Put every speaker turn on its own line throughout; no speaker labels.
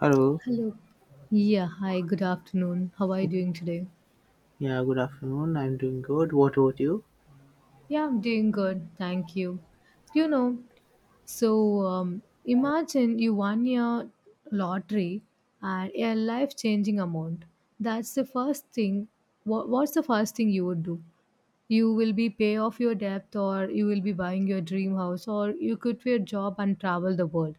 Hello.
Hello. Yeah, hi, good afternoon. How are you doing today?
Yeah, good afternoon. I'm doing good. What about you?
Yeah, I'm doing good. Thank you. You know, so imagine you won your lottery and a life changing amount. That's the first thing. What's the first thing you would do? You will be pay off your debt, or you will be buying your dream house, or you quit your job and travel the world.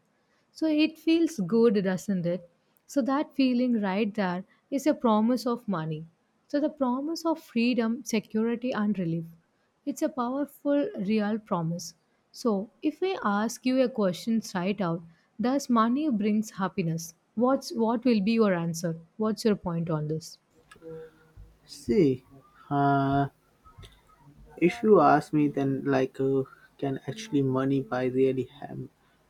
So it feels good, doesn't it? So that feeling right there is a promise of money. So the promise of freedom, security, and relief, it's a powerful real promise. So if I ask you a question right out, does money brings happiness? What will be your answer? What's your point on this?
See, uh, if you ask me, then can actually money buy really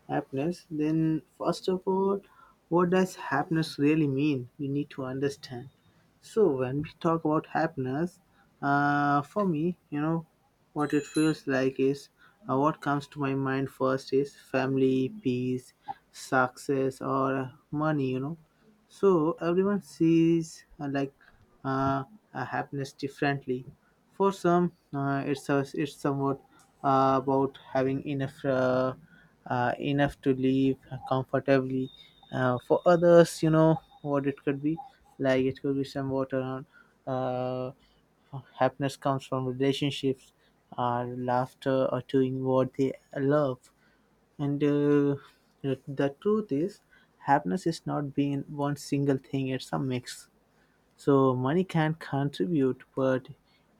happiness? Then first of all, what does happiness really mean? We need to understand. So when we talk about happiness, for me, you know, what it feels like is what comes to my mind first is family, peace, success, or money. You know, so everyone sees uh, happiness differently. For some, it's somewhat about having enough to live comfortably. For others, you know what it could be like. It could be somewhat around uh, happiness comes from relationships, laughter, or doing what they love. And the truth is, happiness is not being one single thing. It's a mix, so money can contribute, but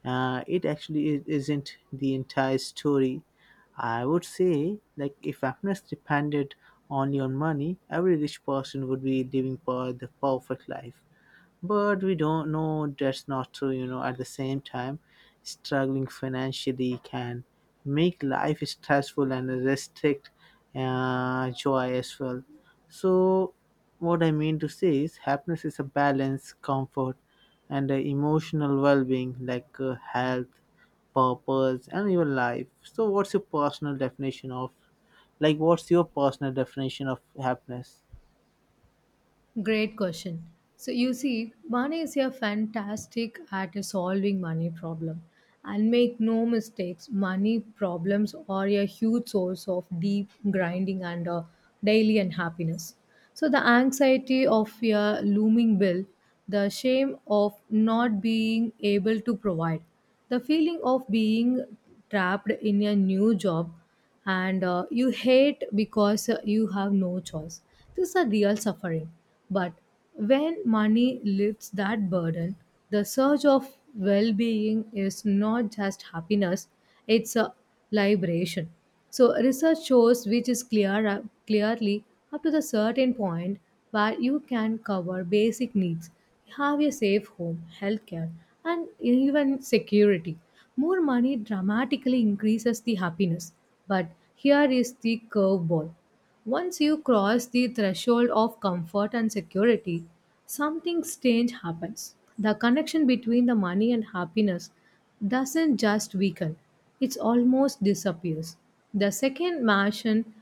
it actually isn't the entire story. I would say, like, if happiness depended only on money, every rich person would be living for the perfect life, but we don't know. That's not true, you know. At the same time, struggling financially can make life stressful and restrict joy as well. So what I mean to say is happiness is a balance, comfort and emotional well-being, like health, purpose and your life. So what's your personal definition of, like, what's your personal definition of happiness?
Great question. So you see, money is a fantastic at solving money problem. And make no mistakes, money problems are a huge source of deep grinding and daily unhappiness. So the anxiety of a looming bill, the shame of not being able to provide, the feeling of being trapped in a new job and you hate because you have no choice. This is a real suffering. But when money lifts that burden, the surge of well being is not just happiness, it's a liberation. So, research shows which is clear, clearly up to the certain point where you can cover basic needs, have a safe home, healthcare, and even security. More money dramatically increases the happiness. But here is the curveball. Once you cross the threshold of comfort and security, something strange happens. The connection between the money and happiness doesn't just weaken, it almost disappears. The second mansion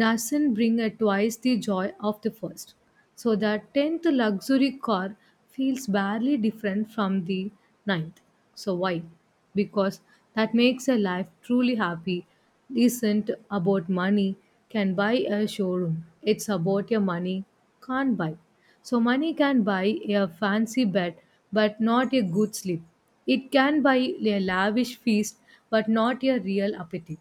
doesn't bring a twice the joy of the first. So the 10th luxury car feels barely different from the ninth. So why? Because that makes a life truly happy isn't about money can buy a showroom. It's about your money can't buy. So money can buy a fancy bed but not a good sleep. It can buy a lavish feast but not a real appetite.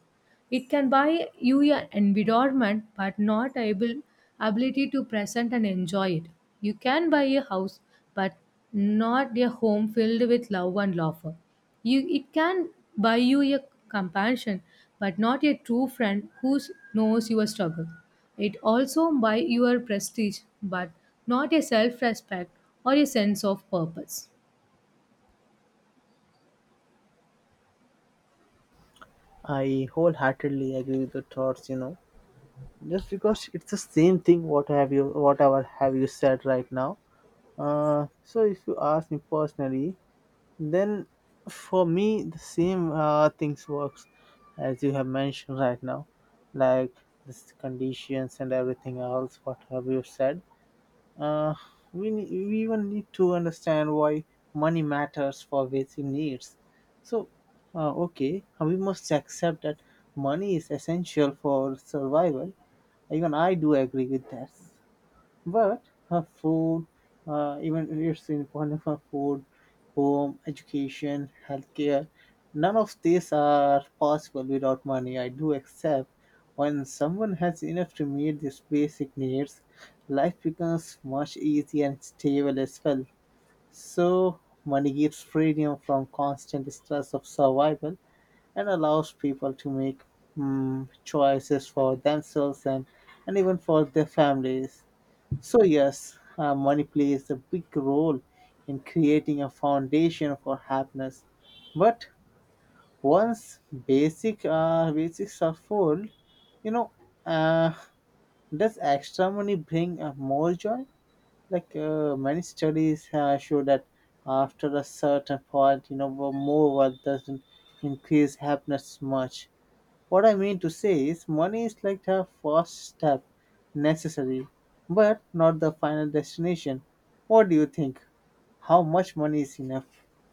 It can buy you an environment but not able ability to present and enjoy it. You can buy a house but not a home filled with love and laughter. You it can buy you a compassion but not a true friend who knows your struggle. It also buy your prestige but not a self-respect or a sense of purpose.
I wholeheartedly agree with your thoughts, you know, just because it's the same thing, what have you, whatever have you said right now. So if you ask me personally, then for me the same things works as you have mentioned right now. Like, this conditions and everything else, what have you said. uh, we we even need to understand why money matters for basic needs. So okay, we must accept that money is essential for survival. Even I do agree with that. But her food, even it's important for food, home, education, healthcare. None of these are possible without money. I do accept when someone has enough to meet these basic needs, life becomes much easier and stable as well. So money gives freedom from constant stress of survival and allows people to make choices for themselves, and even for their families. So, yes, money plays a big role in creating a foundation for happiness. But once basics are full, you know, uh, does extra money bring more joy? Many studies show that after a certain point, you know, more wealth doesn't increase happiness much. What I mean to say is, money is like the first step, necessary, but not the final destination. What do you think? How much money is enough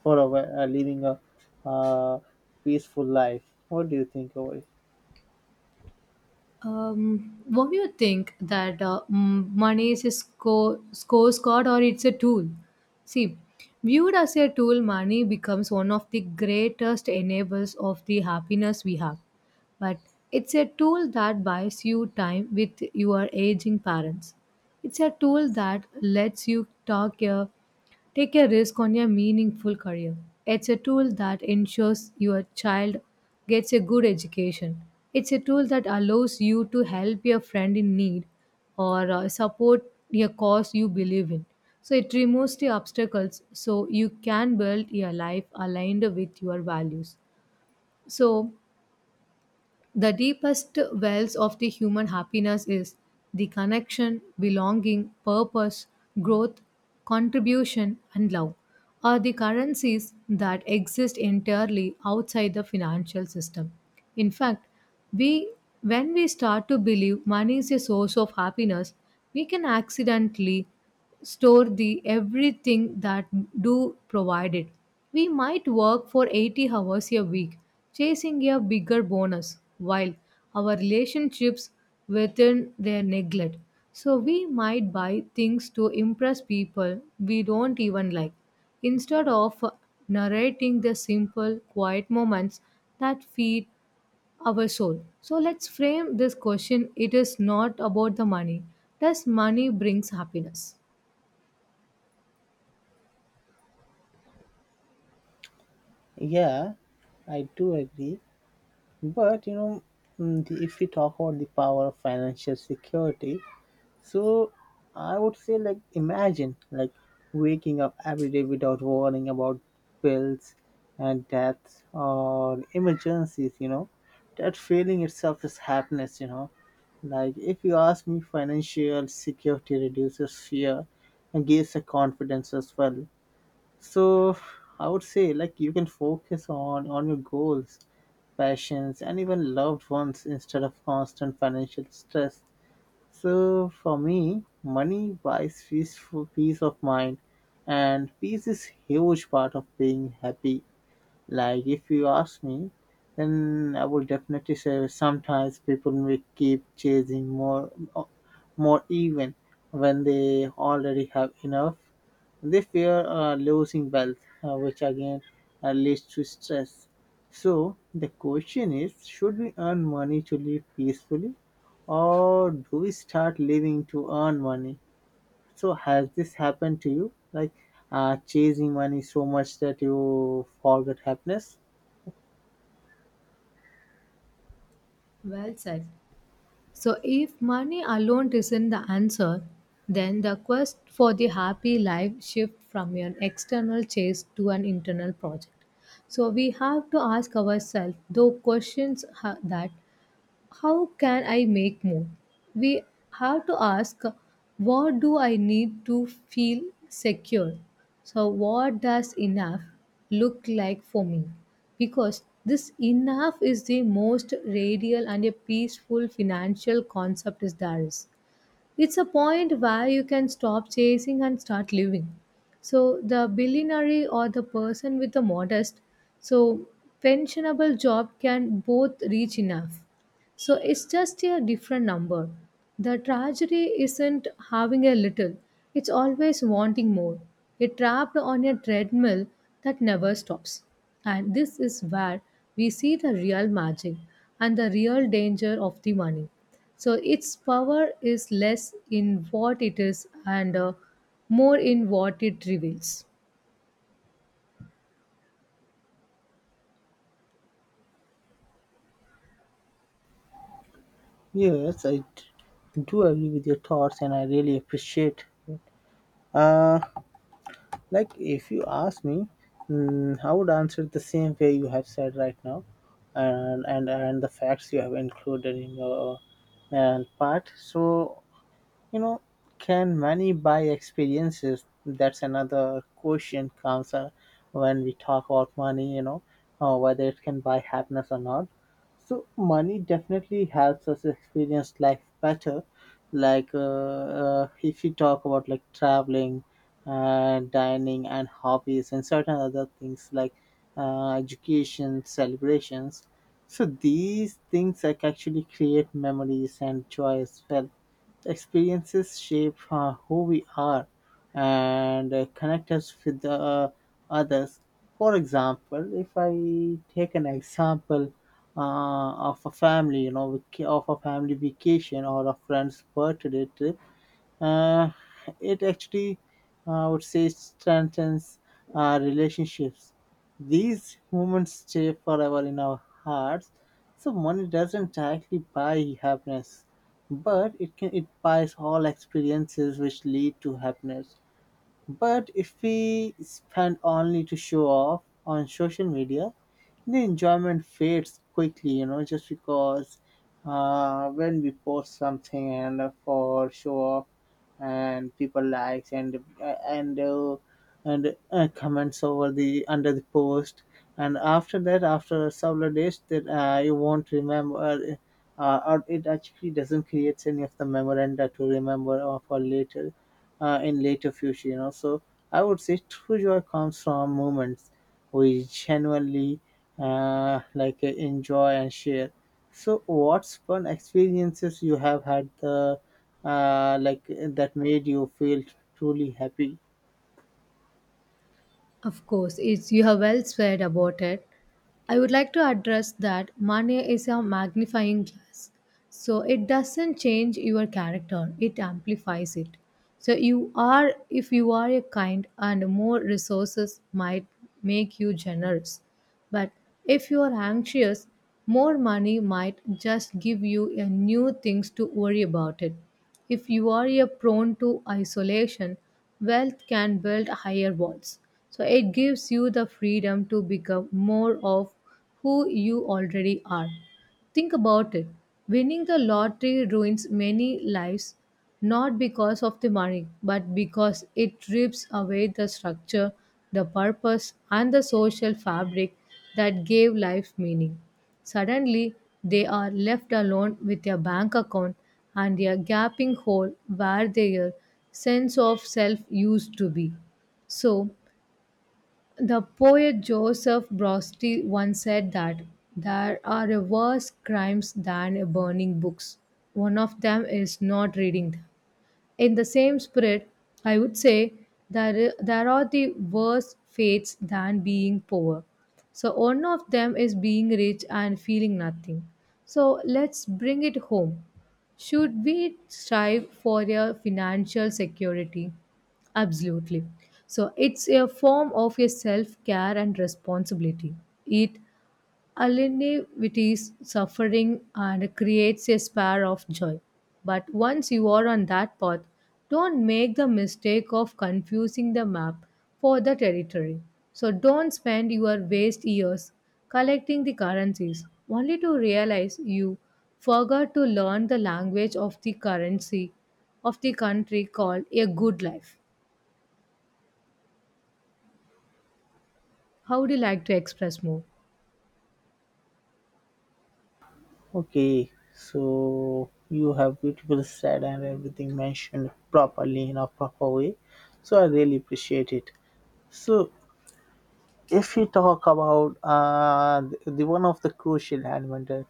for a, living a uh, peaceful life? What do you think about it?
What do you think that money is a score card or it's a tool? See, viewed as a tool, money becomes one of the greatest enablers of the happiness we have. But it's a tool that buys you time with your aging parents. It's a tool that lets you take a risk on a meaningful career. It's a tool that ensures your child gets a good education. It's a tool that allows you to help your friend in need or support a cause you believe in. So it removes the obstacles so you can build your life aligned with your values. So the deepest wells of the human happiness is the connection, belonging, purpose, growth, contribution, and love are the currencies that exist entirely outside the financial system. In fact, we when we start to believe money is a source of happiness, we can accidentally store the everything that do provided. We might work for 80 hours a week, chasing a bigger bonus, while our relationships within their neglect. So we might buy things to impress people we don't even like, instead of narrating the simple, quiet moments that feed our soul. So let's frame this question. It is not about the money. Does money brings happiness?
Yeah, I do agree. But you know, if we talk about the power of financial security, so I would say, like, imagine like waking up every day without worrying about bills and deaths or emergencies, you know. That feeling itself is happiness, you know. Like, if you ask me, financial security reduces fear and gives a confidence as well. So I would say, like, you can focus on your goals, passions and even loved ones instead of constant financial stress. So for me, money buys peace, peace of mind, and peace is huge part of being happy. Like, if you ask me, then I would definitely say sometimes people may keep chasing more, more even when they already have enough. They fear losing wealth, which again leads to stress. So the question is: should we earn money to live peacefully, or do we start living to earn money? So has this happened to you? Like, chasing money so much that you forget happiness?
Well said. So, if money alone isn't the answer, then the quest for the happy life shifts from an external chase to an internal project. So, we have to ask ourselves the questions that how can I make more? We have to ask, what do I need to feel secure? So, what does enough look like for me? Because this enough is the most radial and a peaceful financial concept is there is. It's a point where you can stop chasing and start living. So the billionaire or the person with the modest, so pensionable job can both reach enough, so it's just a different number. The tragedy isn't having a little, it's always wanting more. A trapped on a treadmill that never stops. And this is where we see the real magic and the real danger of the money. So its power is less in what it is and more in what it reveals.
Yes, I do agree with your thoughts, and I really appreciate it. Uh, like, if you ask me, I would answer the same way you have said right now, and the facts you have included in your part. So you know, can money buy experiences? That's another question comes, when we talk about money, you know, whether it can buy happiness or not. So money definitely helps us experience life better. Like, if you talk about, like, traveling, dining and hobbies and certain other things, like education, celebrations. So these things, like, actually create memories and joy as well. Experiences shape who we are, and connect us with others. For example, if I take an example of a family, you know, of a family vacation or a friend's birthday trip, uh, it actually I would say strengthens our relationships. These moments stay forever in our hearts. So money doesn't directly buy happiness, but it buys all experiences which lead to happiness. But if we spend only to show off on social media, the enjoyment fades quickly, you know, just because when we post something and for show off, and people likes and comments over the under the post, and after that, after several days, that you won't remember, or it actually doesn't create any of the memoranda to remember or for later in later future, you know. So I would say true joy comes from moments we genuinely enjoy and share. So what's fun experiences you have had, the that made you feel truly happy?
Of course, it's you have well said about it. I would like to address that money is a magnifying glass. So it doesn't change your character, it amplifies it. So you are if you are a kind and more resources might make you generous. But if you are anxious, more money might just give you a new things to worry about it. If you are a prone to isolation, wealth can build higher walls. So it gives you the freedom to become more of who you already are. Think about it. Winning the lottery ruins many lives, not because of the money, but because it rips away the structure, the purpose, and the social fabric that gave life meaning. Suddenly, they are left alone with their bank account and their gaping hole where their sense of self used to be. So, the poet Joseph Brosti once said that there are worse crimes than burning books. One of them is not reading them. In the same spirit, I would say that there are the worse fates than being poor. So, one of them is being rich and feeling nothing. So, let's bring it home. Should we strive for a financial security? Absolutely. So, it's a form of a self care and responsibility. It Alinivity's suffering and creates a spare of joy. But once you are on that path, don't make the mistake of confusing the map for the territory. So don't spend your waste years collecting the currencies, only to realize you forgot to learn the language of the currency of the country called a good life. How would you like to express more?
Okay, so you have beautiful said and everything mentioned properly in a proper way, so I really appreciate it. So if we talk about, the one of the crucial element that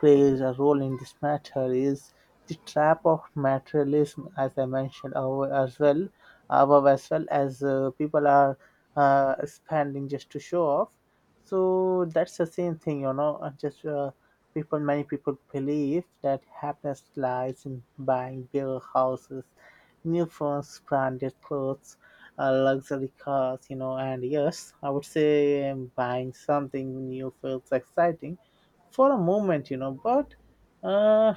plays a role in this matter is the trap of materialism, as I mentioned above as well, above as well, as people are spending just to show off. So that's the same thing, you know. Many people believe that happiness lies in buying bigger houses, new phones, branded clothes, luxury cars, you know. And yes, I would say, buying something new feels exciting for a moment, you know, but uh,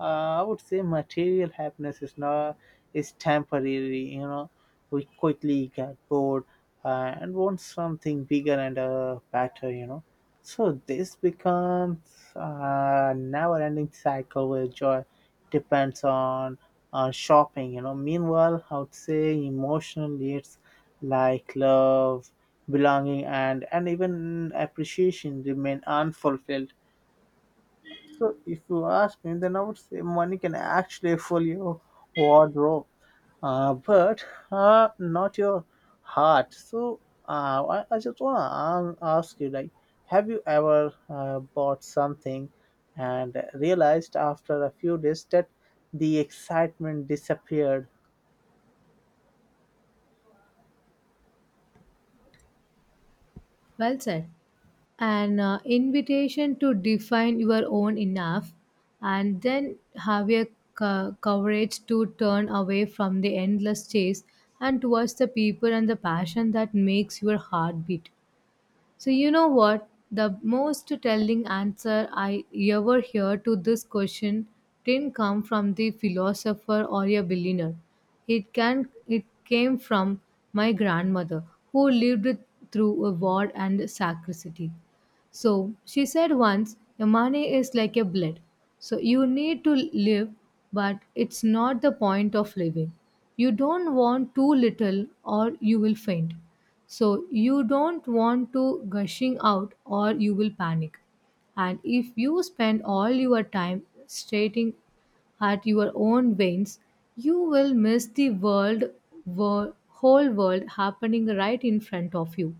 I would say material happiness is not is temporary, you know. We quickly get bored and want something bigger and better, you know. So this becomes a never-ending cycle where joy depends on shopping, you know. Meanwhile, I would say emotional needs like love, belonging, and even appreciation remain unfulfilled. So if you ask me, then I would say money can actually fill your wardrobe, but not your heart. So I just want to ask you, like, have you ever bought something and realized after a few days that the excitement disappeared?
Well said. An invitation to define your own enough and then have a courage to turn away from the endless chase and towards the people and the passion that makes your heart beat. So, you know what? The most telling answer I ever hear to this question didn't come from the philosopher or a billionaire. It came from my grandmother who lived through a war and scarcity. So she said once, your money is like a blood. So you need to live, but it's not the point of living. You don't want too little or you will faint. So you don't want to gushing out or you will panic. And if you spend all your time staring at your own veins, you will miss the world, whole world happening right in front of you.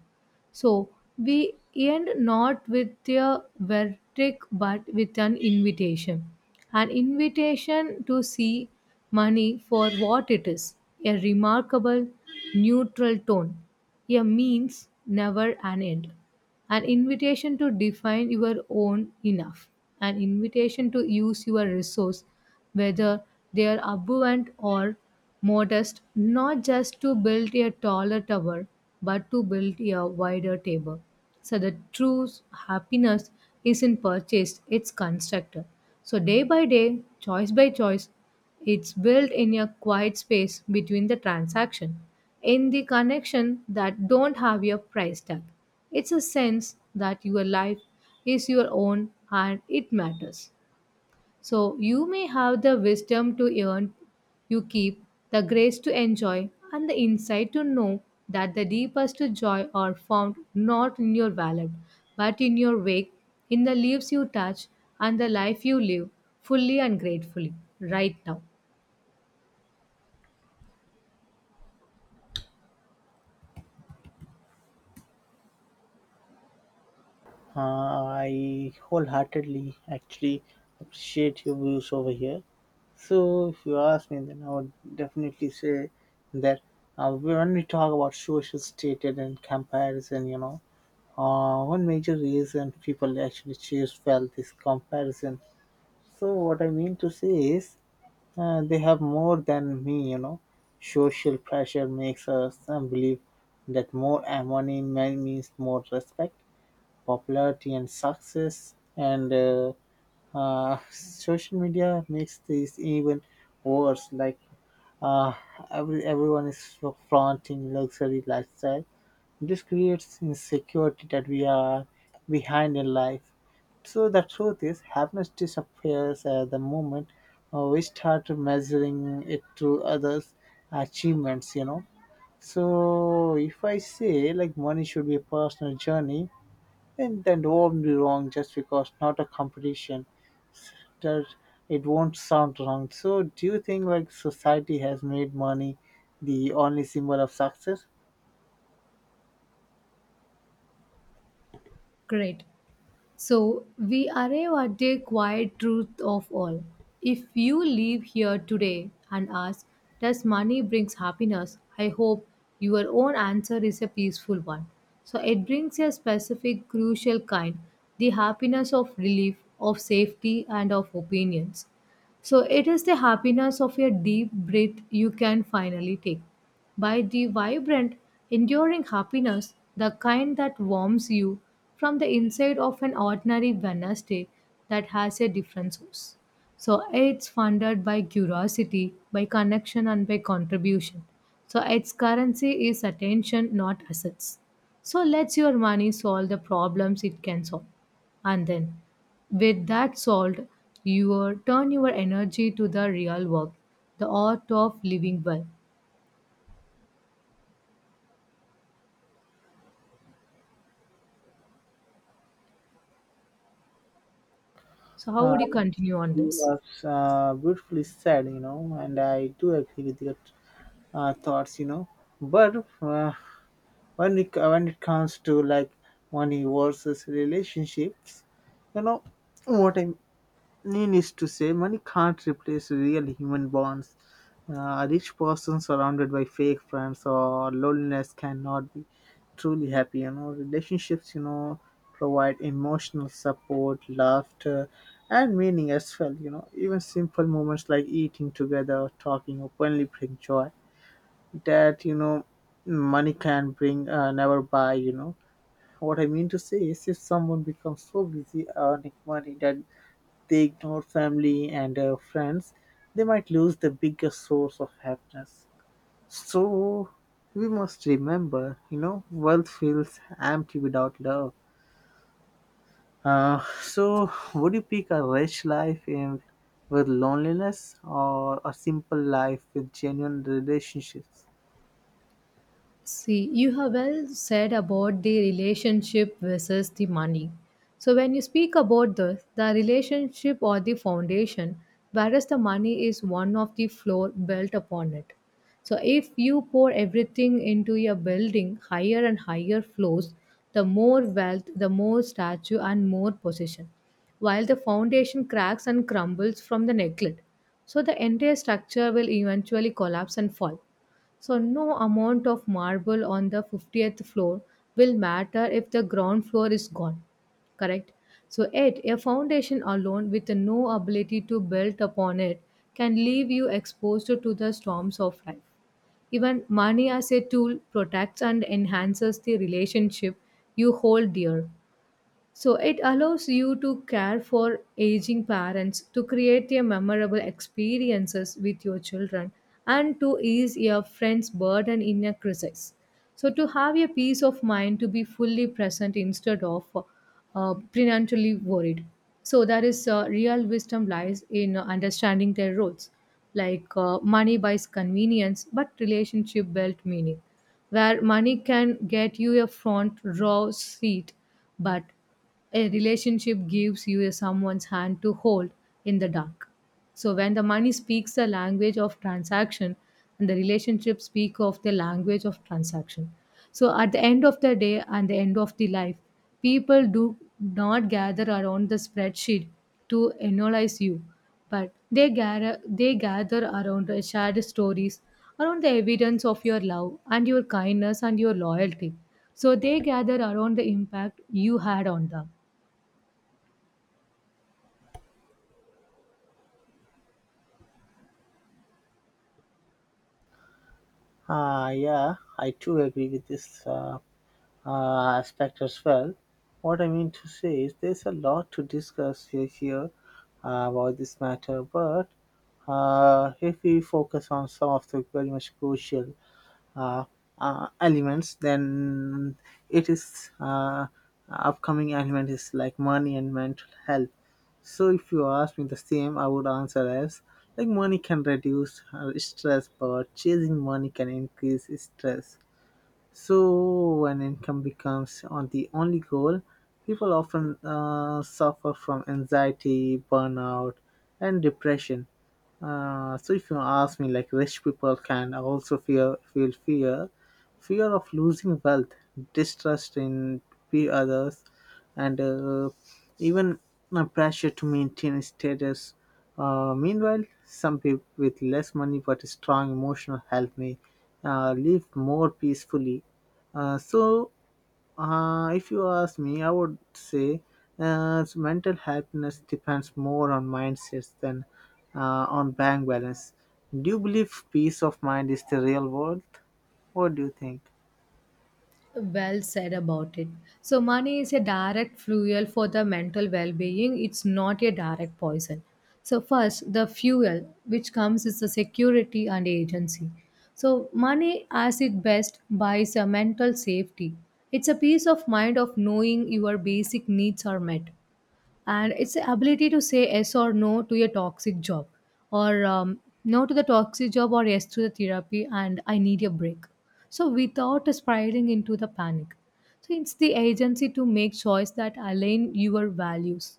So we end not with a verdict but with an invitation. An invitation to see money for what it is, a remarkable, neutral tone, a means, never an end. An invitation to define your own enough. An invitation to use your resource, whether they are abundant or modest, not just to build a taller tower, but to build a wider table. So the true happiness isn't purchased, it's constructed. So day by day, choice by choice, it's built in a quiet space between the transaction, in the connection that don't have a price tag. It's a sense that your life is your own and it matters. So you may have the wisdom to earn, you keep the grace to enjoy, and the insight to know that the deepest joy are found not in your wallet, but in your wake, in the leaves you touch, and the life you live fully and gratefully right now.
I wholeheartedly actually appreciate your views over here. So, if you ask me, then I would definitely say that when we talk about social status and comparison, you know, one major reason people actually choose felt is comparison. So, what I mean to say is they have more than me, you know. Social pressure makes us believe that more money means more respect, popularity and success, and social media makes this even worse. Like uh, every, everyone is so flaunting luxury lifestyle. This creates insecurity that we are behind in life. So the truth is happiness disappears at the moment we start measuring it to others' achievements, you know. So if I say, like, money should be a personal journey, and then will not be wrong, just because not a competition, that it won't sound wrong. So do you think, like, society has made money the only symbol of success?
Great. So we arrive at the quiet truth of all. If you leave here today and ask, does money brings happiness? I hope your own answer is a peaceful one. So it brings a specific crucial kind, the happiness of relief, of safety and of opinions. So it is the happiness of a deep breath you can finally take. By the vibrant, enduring happiness, the kind that warms you from the inside of an ordinary Wednesday that has a different source. So it's funded by curiosity, by connection, and by contribution. So its currency is attention, not assets. So let's your money solve the problems it can solve, and then with that solved, turn your energy to the real work, the art of living well. So how
Uh,
would you continue on
you
this?
was beautifully said, you know, and I do agree with your thoughts, you know. But uh, when it comes to, like, money versus relationships, you know, what I. Needless to say, money can't replace real human bonds. A rich person surrounded by fake friends or loneliness cannot be truly happy. You know, relationships, you know, provide emotional support, laughter, and meaning as well. You know, even simple moments like eating together or talking openly bring joy that, you know, money can bring, never buy, you know. What I mean to say is, if someone becomes so busy earning money that they ignore family and friends, they might lose the biggest source of happiness. So we must remember, you know, wealth feels empty without love. So would you pick a rich life in with loneliness or a simple life with genuine relationships?
See, you have well said about the relationship versus the money. So, when you speak about this, the relationship or the foundation, whereas the money is one of the floor built upon it. So, if you pour everything into your building higher and higher floors, the more wealth, the more statue, and more position, while the foundation cracks and crumbles from the neglect. So, the entire structure will eventually collapse and fall. So, no amount of marble on the 50th floor will matter if the ground floor is gone. Correct? So, 8. A foundation alone with no ability to build upon it can leave you exposed to the storms of life. Even money as a tool protects and enhances the relationship you hold dear. So it allows you to care for aging parents, to create a memorable experiences with your children, and to ease your friend's burden in a crisis. So to have a peace of mind to be fully present instead of prenatally worried. So there is real wisdom lies in understanding their roles, like money buys convenience, but relationship built meaning, where money can get you a front row seat, but a relationship gives you someone's hand to hold in the dark. So when the money speaks the language of transaction and the relationship speak of the language of transaction, so at the end of the day and the end of the life, people do not gather around the spreadsheet to analyze you, but they gather around the shared stories, around the evidence of your love and your kindness and your loyalty. So they gather around the impact you had on them.
Ah, yeah, I too agree with this aspect as well. What I mean to say is there's a lot to discuss here about this matter, but if we focus on some of the very much crucial uh, elements, then it is upcoming element is like money and mental health. So if you ask me the same, I would answer as like money can reduce stress, but chasing money can increase stress. So, when income becomes on the only goal, people often suffer from anxiety, burnout, and depression. So if you ask me, like, rich people can also fear feel fear, fear of losing wealth, distrust in the others, and even a pressure to maintain status. Meanwhile, some people with less money but strong emotional health may live more peacefully. So, if you ask me, I would say mental happiness depends more on mindsets than on bank balance. Do you believe peace of mind is the real world? What do you think?
Well said about it. So, money is a direct fuel for the mental well being, it's not a direct poison. So, first, the fuel which comes is the security and agency. So, money, as it best, buys a mental safety. It's a peace of mind of knowing your basic needs are met, and it's the ability to say yes or no to your toxic job, or no to the toxic job or yes to the therapy and I need a break, so without spiraling into the panic. So it's the agency to make choice that align your values.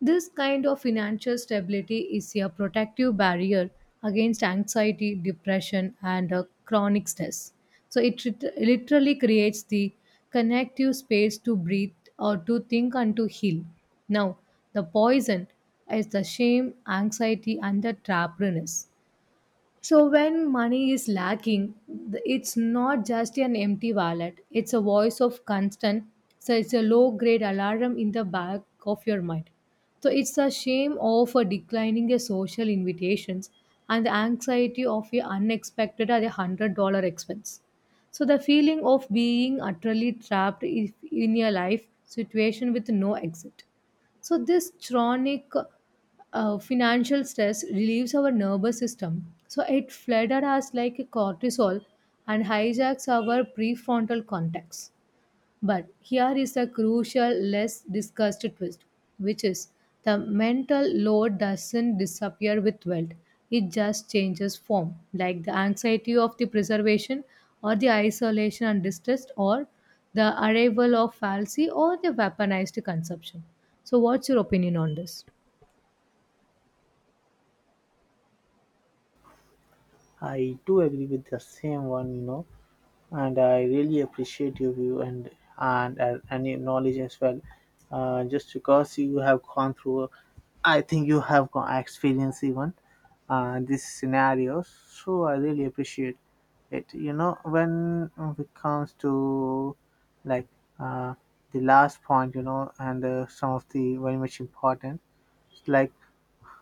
This kind of financial stability is a protective barrier against anxiety, depression, and chronic stress. So it literally creates the connective space to breathe or to think and to heal. Now, the poison is the shame, anxiety, and the trapness. So when money is lacking, it's not just an empty wallet. It's a voice of constant. So it's a low grade alarm in the back of your mind. So it's a shame of a declining a social invitations and the anxiety of your unexpected or $100 expense. So the feeling of being utterly trapped in a life situation with no exit. So, this chronic financial stress relieves our nervous system. So, it flatters us like a cortisol and hijacks our prefrontal cortex. But here is a crucial, less discussed twist, which is the mental load doesn't disappear with wealth, it just changes form, like the anxiety of the preservation, or the isolation and distress, or the arrival of fallacy, or the weaponized consumption. So, what's your opinion on this?
I do agree with the same one, you know, and I really appreciate your view and your knowledge as well. Just because you have gone through, I think you have gone experience even these scenarios. So I really appreciate it. You know, when it comes to like uh, the last point, you know, and some of the very much important, it's like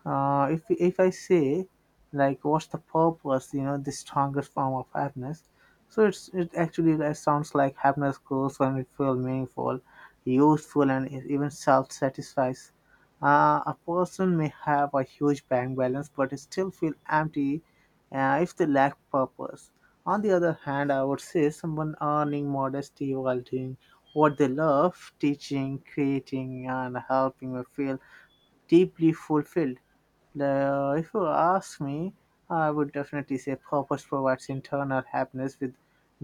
if I say, like, what's the purpose, you know, the strongest form of happiness. So it's, it actually that sounds like happiness grows when we feel meaningful, useful, and even self-satisfies. A person may have a huge bank balance, but still feel empty if they lack purpose. On the other hand, I would say someone earning modesty while doing what they love, teaching, creating, and helping may feel deeply fulfilled. The, if you ask me, I would definitely say purpose provides internal happiness, with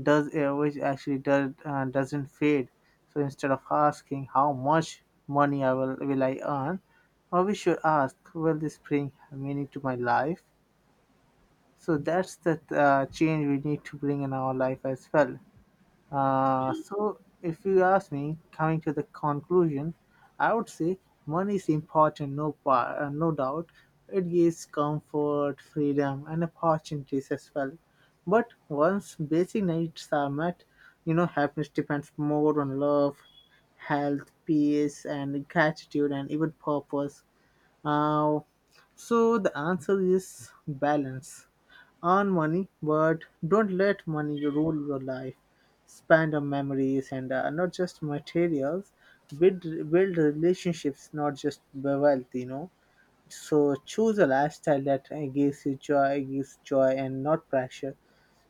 does which actually doesn't fade. So instead of asking how much money I will I earn, or we should ask, will this bring meaning to my life? So that's the change we need to bring in our life as well. So, if you ask me, coming to the conclusion, I would say money is important, no doubt. It gives comfort, freedom, and opportunities as well. But once basic needs are met, you know, happiness depends more on love, health, peace, and gratitude, and even purpose. Uh, so the answer is balance. Earn money, but don't let money rule your life. Spend on memories and not just materials. Build build relationships, not just wealth. You know. So choose a lifestyle that gives joy, and not pressure.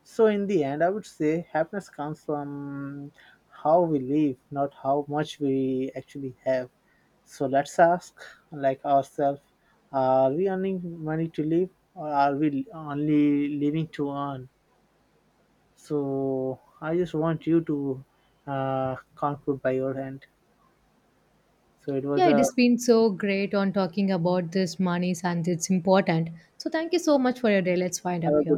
So, in the end, I would say happiness comes from how we live, not how much we actually have. So, let's ask, like, ourselves, are we earning money to live, or are we only living to earn? So, I just want you to conclude by your end. So, it was
Yeah, it
a.
has been so great on talking about this monies and it's important. So, thank you so much for your day. Let's wind
Have
up
a.
here.